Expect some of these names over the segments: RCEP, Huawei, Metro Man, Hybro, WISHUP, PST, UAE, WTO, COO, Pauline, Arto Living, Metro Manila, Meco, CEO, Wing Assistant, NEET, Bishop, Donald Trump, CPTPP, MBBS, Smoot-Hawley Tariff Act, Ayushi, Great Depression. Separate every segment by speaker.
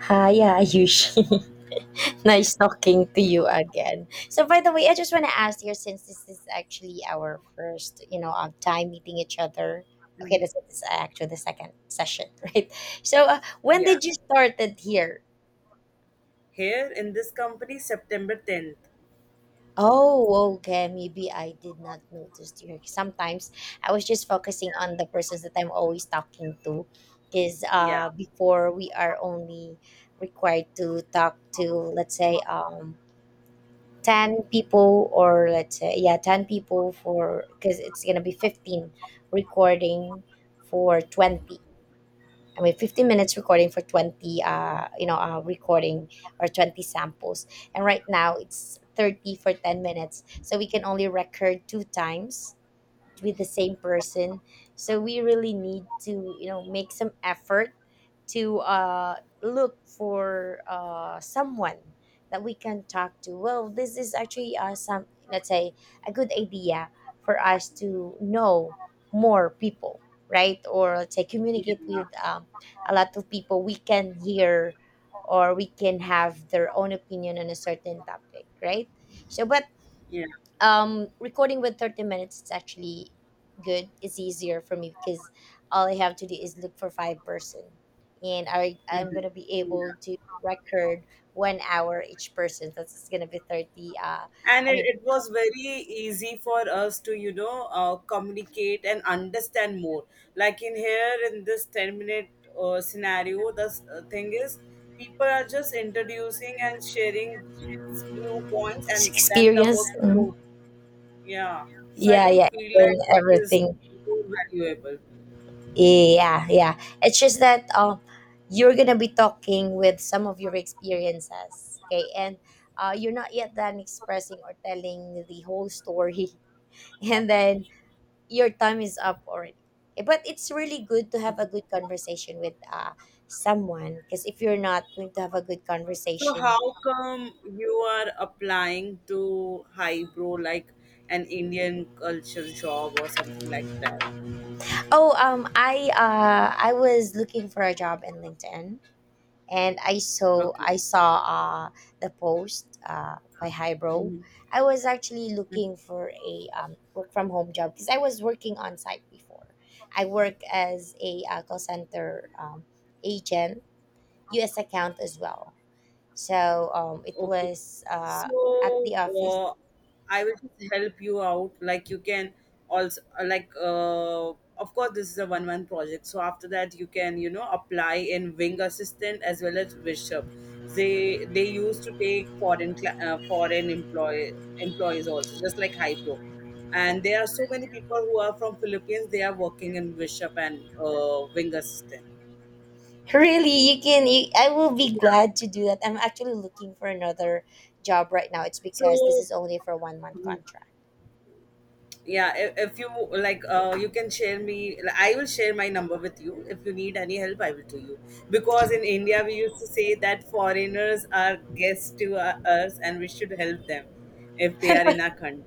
Speaker 1: Hi, Ayushi.
Speaker 2: Yes.
Speaker 1: Nice talking to you again. So, by the way, I just want to ask you since this is actually our first, time meeting each other. Okay,
Speaker 2: Mhm.
Speaker 1: this is actually the second session, right? So, when
Speaker 2: Yeah.
Speaker 1: did you started here?
Speaker 2: Here in this company, September 10th.
Speaker 1: Oh, okay. Maybe I did not notice you. Sometimes I was just focusing on the persons that I'm always talking to, because
Speaker 2: Yeah.
Speaker 1: before we are only required to talk to, let's say, 10 people, or let's say, yeah, 10 people, for because it's gonna be 15 recording for 20, I mean, 15 minutes recording for 20, recording or 20 samples. And right now, it's 30 for 10 minutes, so we can only record two times with the same person. So we really need to make some effort to look for someone that we can talk to. Well, this is actually some, let's say, a good idea for us to know more people, right? Or let's say communicate
Speaker 2: Yeah.
Speaker 1: with a lot of people we can hear, or we can have their own opinion on a certain topic, right? So but
Speaker 2: Yeah.
Speaker 1: recording with 30 minutes, it's actually good. It's easier for me because all I have to do is look for five person, and I'm
Speaker 2: Mhm.
Speaker 1: gonna be able
Speaker 2: Yeah.
Speaker 1: to record one hour each person. That's just gonna be 30,
Speaker 2: And
Speaker 1: I
Speaker 2: it,
Speaker 1: mean,
Speaker 2: it was very easy for us to, communicate and understand more. Like in here, in this 10 minute scenario, the thing is, people are just introducing and sharing few points, and then the
Speaker 1: experience.
Speaker 2: work is
Speaker 1: Mm,
Speaker 2: over. Yeah. So I
Speaker 1: yeah, yeah.
Speaker 2: don't feel like
Speaker 1: And
Speaker 2: it is
Speaker 1: everything.
Speaker 2: more valuable.
Speaker 1: Yeah, yeah, it's just that you're gonna be talking with some of your experiences, okay, and you're not yet done expressing or telling the whole story, and then your time is up already. But it's really good to have a good conversation with someone, because if you're not going to have a good
Speaker 2: So
Speaker 1: conversation.
Speaker 2: how come you are applying to Hybro, like an Indian culture job or something like that?
Speaker 1: Oh, I was looking for a job in LinkedIn, and I saw
Speaker 2: Okay.
Speaker 1: I saw uh the post by Hybro.
Speaker 2: Mm-hmm.
Speaker 1: I was actually looking for a work from home job because I was working on site before. I work as a call center agent, U.S. account as well. So it
Speaker 2: Okay.
Speaker 1: was at
Speaker 2: So
Speaker 1: the office.
Speaker 2: I will just help you out. Like you can also, like, of course this is a one month project. So after that you can apply in Wing Assistant as well as Bishop. They used to take foreign employees also, just like Hypro. And there are so many people who are from Philippines. They are working in Bishop and Wing Assistant.
Speaker 1: Really, you can. I will be glad to do that. I'm actually looking for another job right now. It's because this
Speaker 2: So
Speaker 1: is only for one month contract.
Speaker 2: yeah, if you like, you can share me, like, I will share my number with you if you need any help. I will do you. Because in India, we used to say that foreigners are guests to us, and we should help them if they are in our country.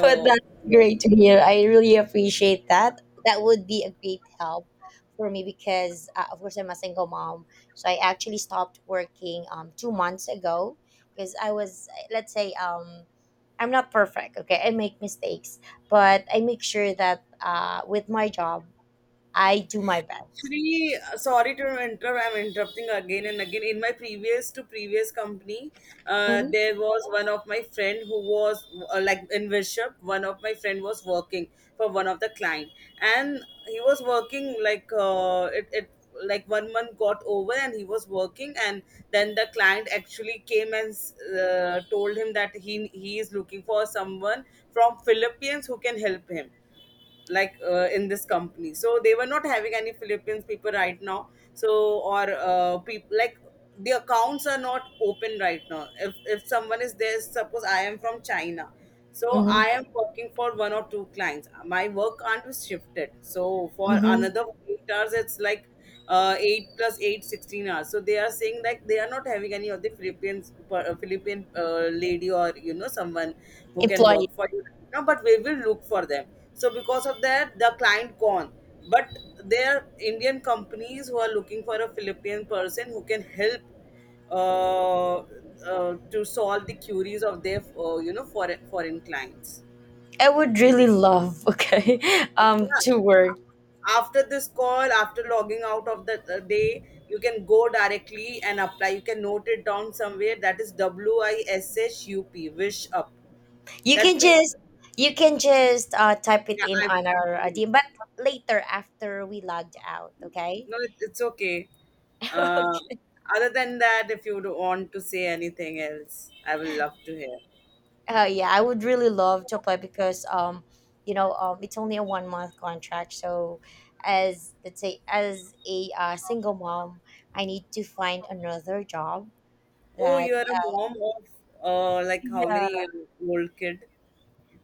Speaker 1: But that's
Speaker 2: yes.
Speaker 1: great to hear. I really appreciate that. That would be a great help for me because, of course, I'm a single mom. So I actually stopped working 2 months ago, because I was, let's say, I'm not perfect. Okay, I make mistakes, but I make sure that with my job, I do my best.
Speaker 2: Actually, sorry to interrupt. I'm interrupting again and again. In my previous to previous company,
Speaker 1: Mm-hmm,
Speaker 2: there was one of my friend who was like in Bishop. One of my friend was working for one of the client, and he was working, like, it, it like one month got over, and he was working, and then the client actually came and told him that he is looking for someone from Philippines who can help him, like, in this company. So they were not having any Philippines people right now. So, or people, like, the accounts are not open right now. If someone is there, suppose I am from China, so
Speaker 1: mm-hmm,
Speaker 2: I am working for one or two clients. My work can't be shifted, so for
Speaker 1: mm-hmm.
Speaker 2: another 8 hours it's like, 8 plus 8, 16 hours. So they are saying, like, they are not having any of the philippine lady or, someone who can
Speaker 1: Employee.
Speaker 2: work for you. No, but we will look for them. So because of that the client gone, but there are Indian companies who are looking for a Philippine person who can help, uh, to solve the queries of their foreign clients.
Speaker 1: I would really love, okay, to
Speaker 2: Yeah.
Speaker 1: work.
Speaker 2: After this call, after logging out of the day, you can go directly and apply. You can note it down somewhere. That is WISHUP, wish up.
Speaker 1: You can
Speaker 2: That page,
Speaker 1: just you can just type it
Speaker 2: yeah,
Speaker 1: in on our DM, but later after we logged out. Okay.
Speaker 2: no, it's okay. Uh,
Speaker 1: Okay.
Speaker 2: Other than that, if you would want to say anything else, I will love to hear.
Speaker 1: Yeah, I would really love to apply because it's only a one month contract. So, as, let's say, as a single mom, I need to find another job
Speaker 2: Oh,
Speaker 1: that.
Speaker 2: you are a mom of like, how
Speaker 1: Yeah.
Speaker 2: many year old kid?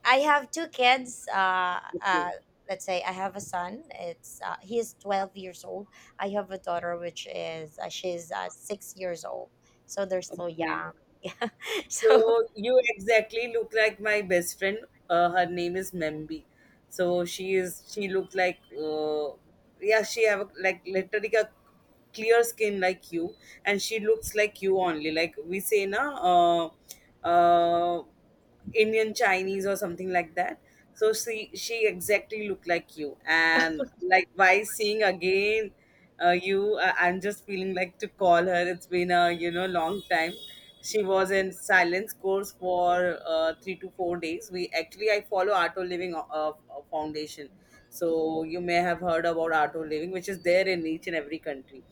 Speaker 1: I have two kids.
Speaker 2: Okay,
Speaker 1: Let's say I have a son. It's He is 12 years old. I have a daughter, which is she's 6 years old. So they're still
Speaker 2: okay.
Speaker 1: young. So
Speaker 2: So you exactly look like my best friend. Her name is Membi. So she is. She looked like. Yeah, she have like literally a clear skin like you, and she looks like you only. Like we say, na. Uh, Indian Chinese or something like that. So she exactly looked like you, and like by seeing again, you, I'm just feeling like to call her. It's been a long time. She was in silence course for 3 to 4 days. We actually I follow Arto Living Foundation, so you may have heard about Arto Living, which is there in each and every country.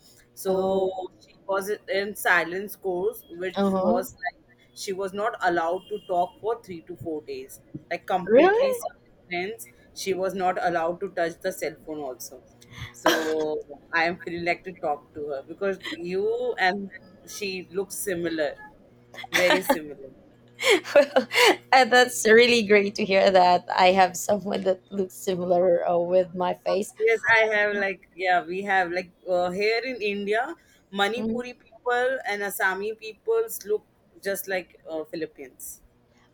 Speaker 1: oh,
Speaker 2: So she was in silence course,
Speaker 1: uh
Speaker 2: which
Speaker 1: huh.
Speaker 2: was like she was not allowed to talk for 3 to 4 days, like completely
Speaker 1: Really?
Speaker 2: silence. She was not allowed to touch the cell phone also.
Speaker 1: Well,
Speaker 2: So I am feeling like to talk to her because you and she look similar, very similar.
Speaker 1: that's really great to hear that I have someone that looks similar with my face.
Speaker 2: Yes, I have like yeah, we have, like, here in India, Manipuri people and Assami peoples look just like Philippines.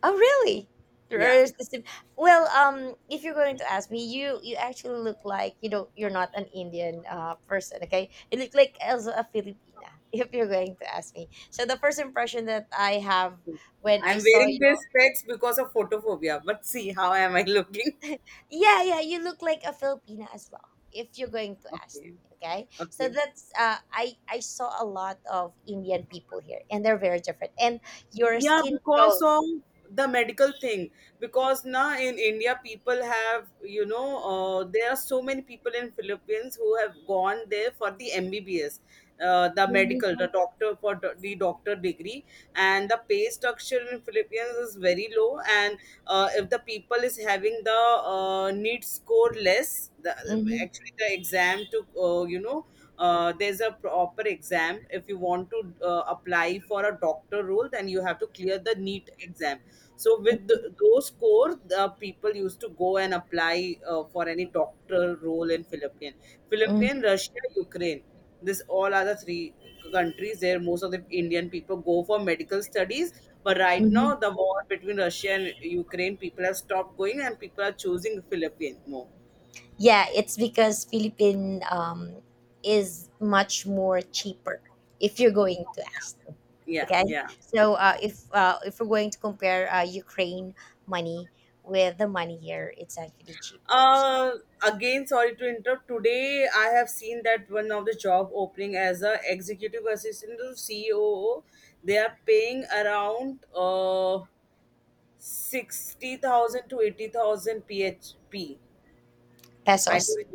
Speaker 1: Oh, really?
Speaker 2: Yeah.
Speaker 1: There's the Well, if you're going to ask me, you actually look like you don't, you're not an Indian person, okay? You look like also a Filipina. If you're going to ask me, so the first impression that I have when
Speaker 2: I'm
Speaker 1: I saw
Speaker 2: wearing
Speaker 1: you,
Speaker 2: these specs because of photophobia, but see how am I looking?
Speaker 1: yeah, yeah, you look like a Filipina as well. If you're going to ask
Speaker 2: Okay.
Speaker 1: me, okay? So
Speaker 2: Okay.
Speaker 1: that's I saw a lot of Indian people here, and they're very different. And your
Speaker 2: Yeah,
Speaker 1: skin
Speaker 2: because
Speaker 1: tone,
Speaker 2: of the medical thing. Because now in India, people have, there are so many people in Philippines who have gone there for the MBBS, the
Speaker 1: hmm,
Speaker 2: medical, the doctor the doctor degree, and the pay structure in Philippines is very low. And if the people is having the need score less,
Speaker 1: hmm,
Speaker 2: actually the exam to, there's a proper exam if you want to apply for a doctor role, then you have to clear the NEET exam. So with those scores, the people used to go and apply for any doctor role in philippine. Philippine, Russia, Ukraine, this all are the three countries where most of the Indian people go for medical studies. But right
Speaker 1: hmm.
Speaker 2: now the war between Russia and Ukraine, people have stopped going, and people are choosing Philippines more.
Speaker 1: Yeah, it's because Philippine is much more cheaper if you're going to ask.
Speaker 2: Yeah,
Speaker 1: Okay,
Speaker 2: yeah.
Speaker 1: so if we're going to compare Ukraine money with the money here, it's actually cheaper
Speaker 2: Uh, Again, sorry to interrupt. Today, I have seen that one of the job opening as a executive assistant to COO. They are paying around 60,000 to 80,000 PHP. I
Speaker 1: pesos.
Speaker 2: don't.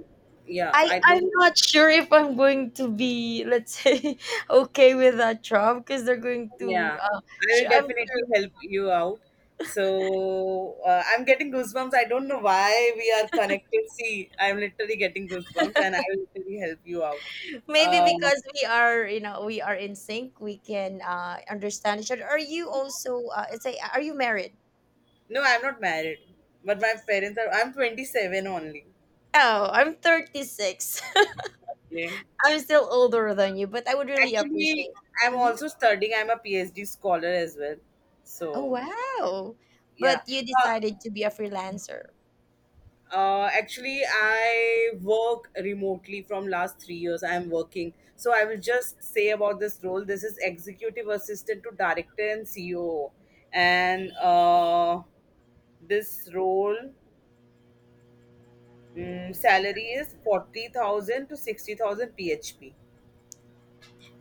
Speaker 2: Yeah,
Speaker 1: I
Speaker 2: I
Speaker 1: I'm
Speaker 2: don't.
Speaker 1: not sure if I'm going to be, let's say, okay with that Trump because they're going to.
Speaker 2: Yeah, I will
Speaker 1: I'm sure.
Speaker 2: definitely help you out. So I'm getting goosebumps. I don't know why we are connected. See, I'm literally getting goosebumps, and I will literally help you out.
Speaker 1: Maybe
Speaker 2: Um,
Speaker 1: because we are in sync, we can understand each other. Are you also, it's a, Are you married?
Speaker 2: No, I'm not married, but my parents are. I'm 27 only.
Speaker 1: Oh, I'm 36.
Speaker 2: Okay.
Speaker 1: I'm still older than you, but I would really
Speaker 2: Actually,
Speaker 1: appreciate.
Speaker 2: I'm
Speaker 1: Mhm.
Speaker 2: also studying. I'm a PhD scholar as well.
Speaker 1: Oh,
Speaker 2: So
Speaker 1: wow.
Speaker 2: yeah.
Speaker 1: But you
Speaker 2: Uh,
Speaker 1: decided to be a freelancer.
Speaker 2: Actually, I work remotely from last 3 years. I'm working. So I will just say about this role. This is executive assistant to director and CEO, and this role salary is 40,000 to 60,000 PHP.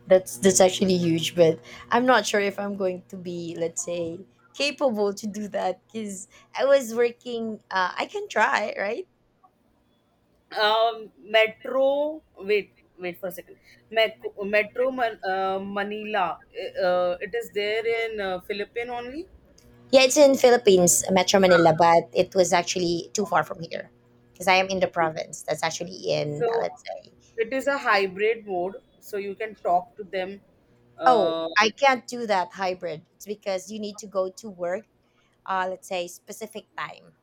Speaker 1: That's actually huge, but I'm not sure if I'm going to be, let's say, capable to do that because I was working. I can try, right?
Speaker 2: Metro. Wait, wait for a second. Meco, Metro Manila. It is there in Philippine only.
Speaker 1: Yeah, it's in Philippines, Metro Manila, but it was actually too far from here because I am in the
Speaker 2: Okay.
Speaker 1: province. That's actually in,
Speaker 2: So
Speaker 1: let's say,
Speaker 2: it is a
Speaker 1: the city.
Speaker 2: hybrid mode. So you can talk to them.
Speaker 1: Oh,
Speaker 2: Uh,
Speaker 1: I can't do that hybrid. It's because you need to go to work, let's say, specific time,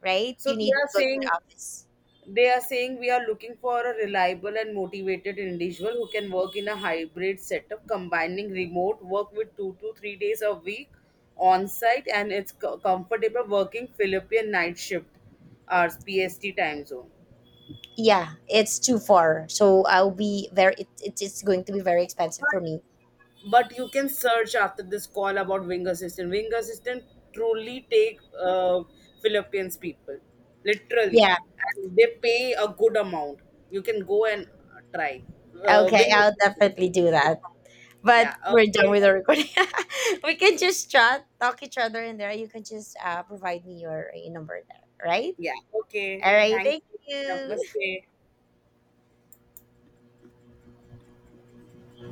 Speaker 1: right?
Speaker 2: so
Speaker 1: You
Speaker 2: they
Speaker 1: need to
Speaker 2: are
Speaker 1: go to the
Speaker 2: saying
Speaker 1: office.
Speaker 2: They are saying we are looking for a reliable and motivated individual who can work in a hybrid setup, combining remote work with 2 to 3 days a week on site, and it's comfortable working Philippine night shift, or PST time zone.
Speaker 1: Yeah, it's too far, so I'll be very. It's going to be very expensive for me.
Speaker 2: But you can search after this call about Wing Assistant. Wing Assistant truly take uh, Philippines people, literally,
Speaker 1: Yeah.
Speaker 2: and they pay a good amount. You can go and try
Speaker 1: Okay,
Speaker 2: Wing
Speaker 1: I'll
Speaker 2: Assistant.
Speaker 1: definitely do that,
Speaker 2: Yeah,
Speaker 1: but we're done
Speaker 2: okay.
Speaker 1: with the recording. We can just chat, talk each other in there. You can just provide me your number there, right?
Speaker 2: Yeah, okay.
Speaker 1: All right,
Speaker 2: Thank
Speaker 1: thank
Speaker 2: you.
Speaker 1: you.
Speaker 2: Namaste.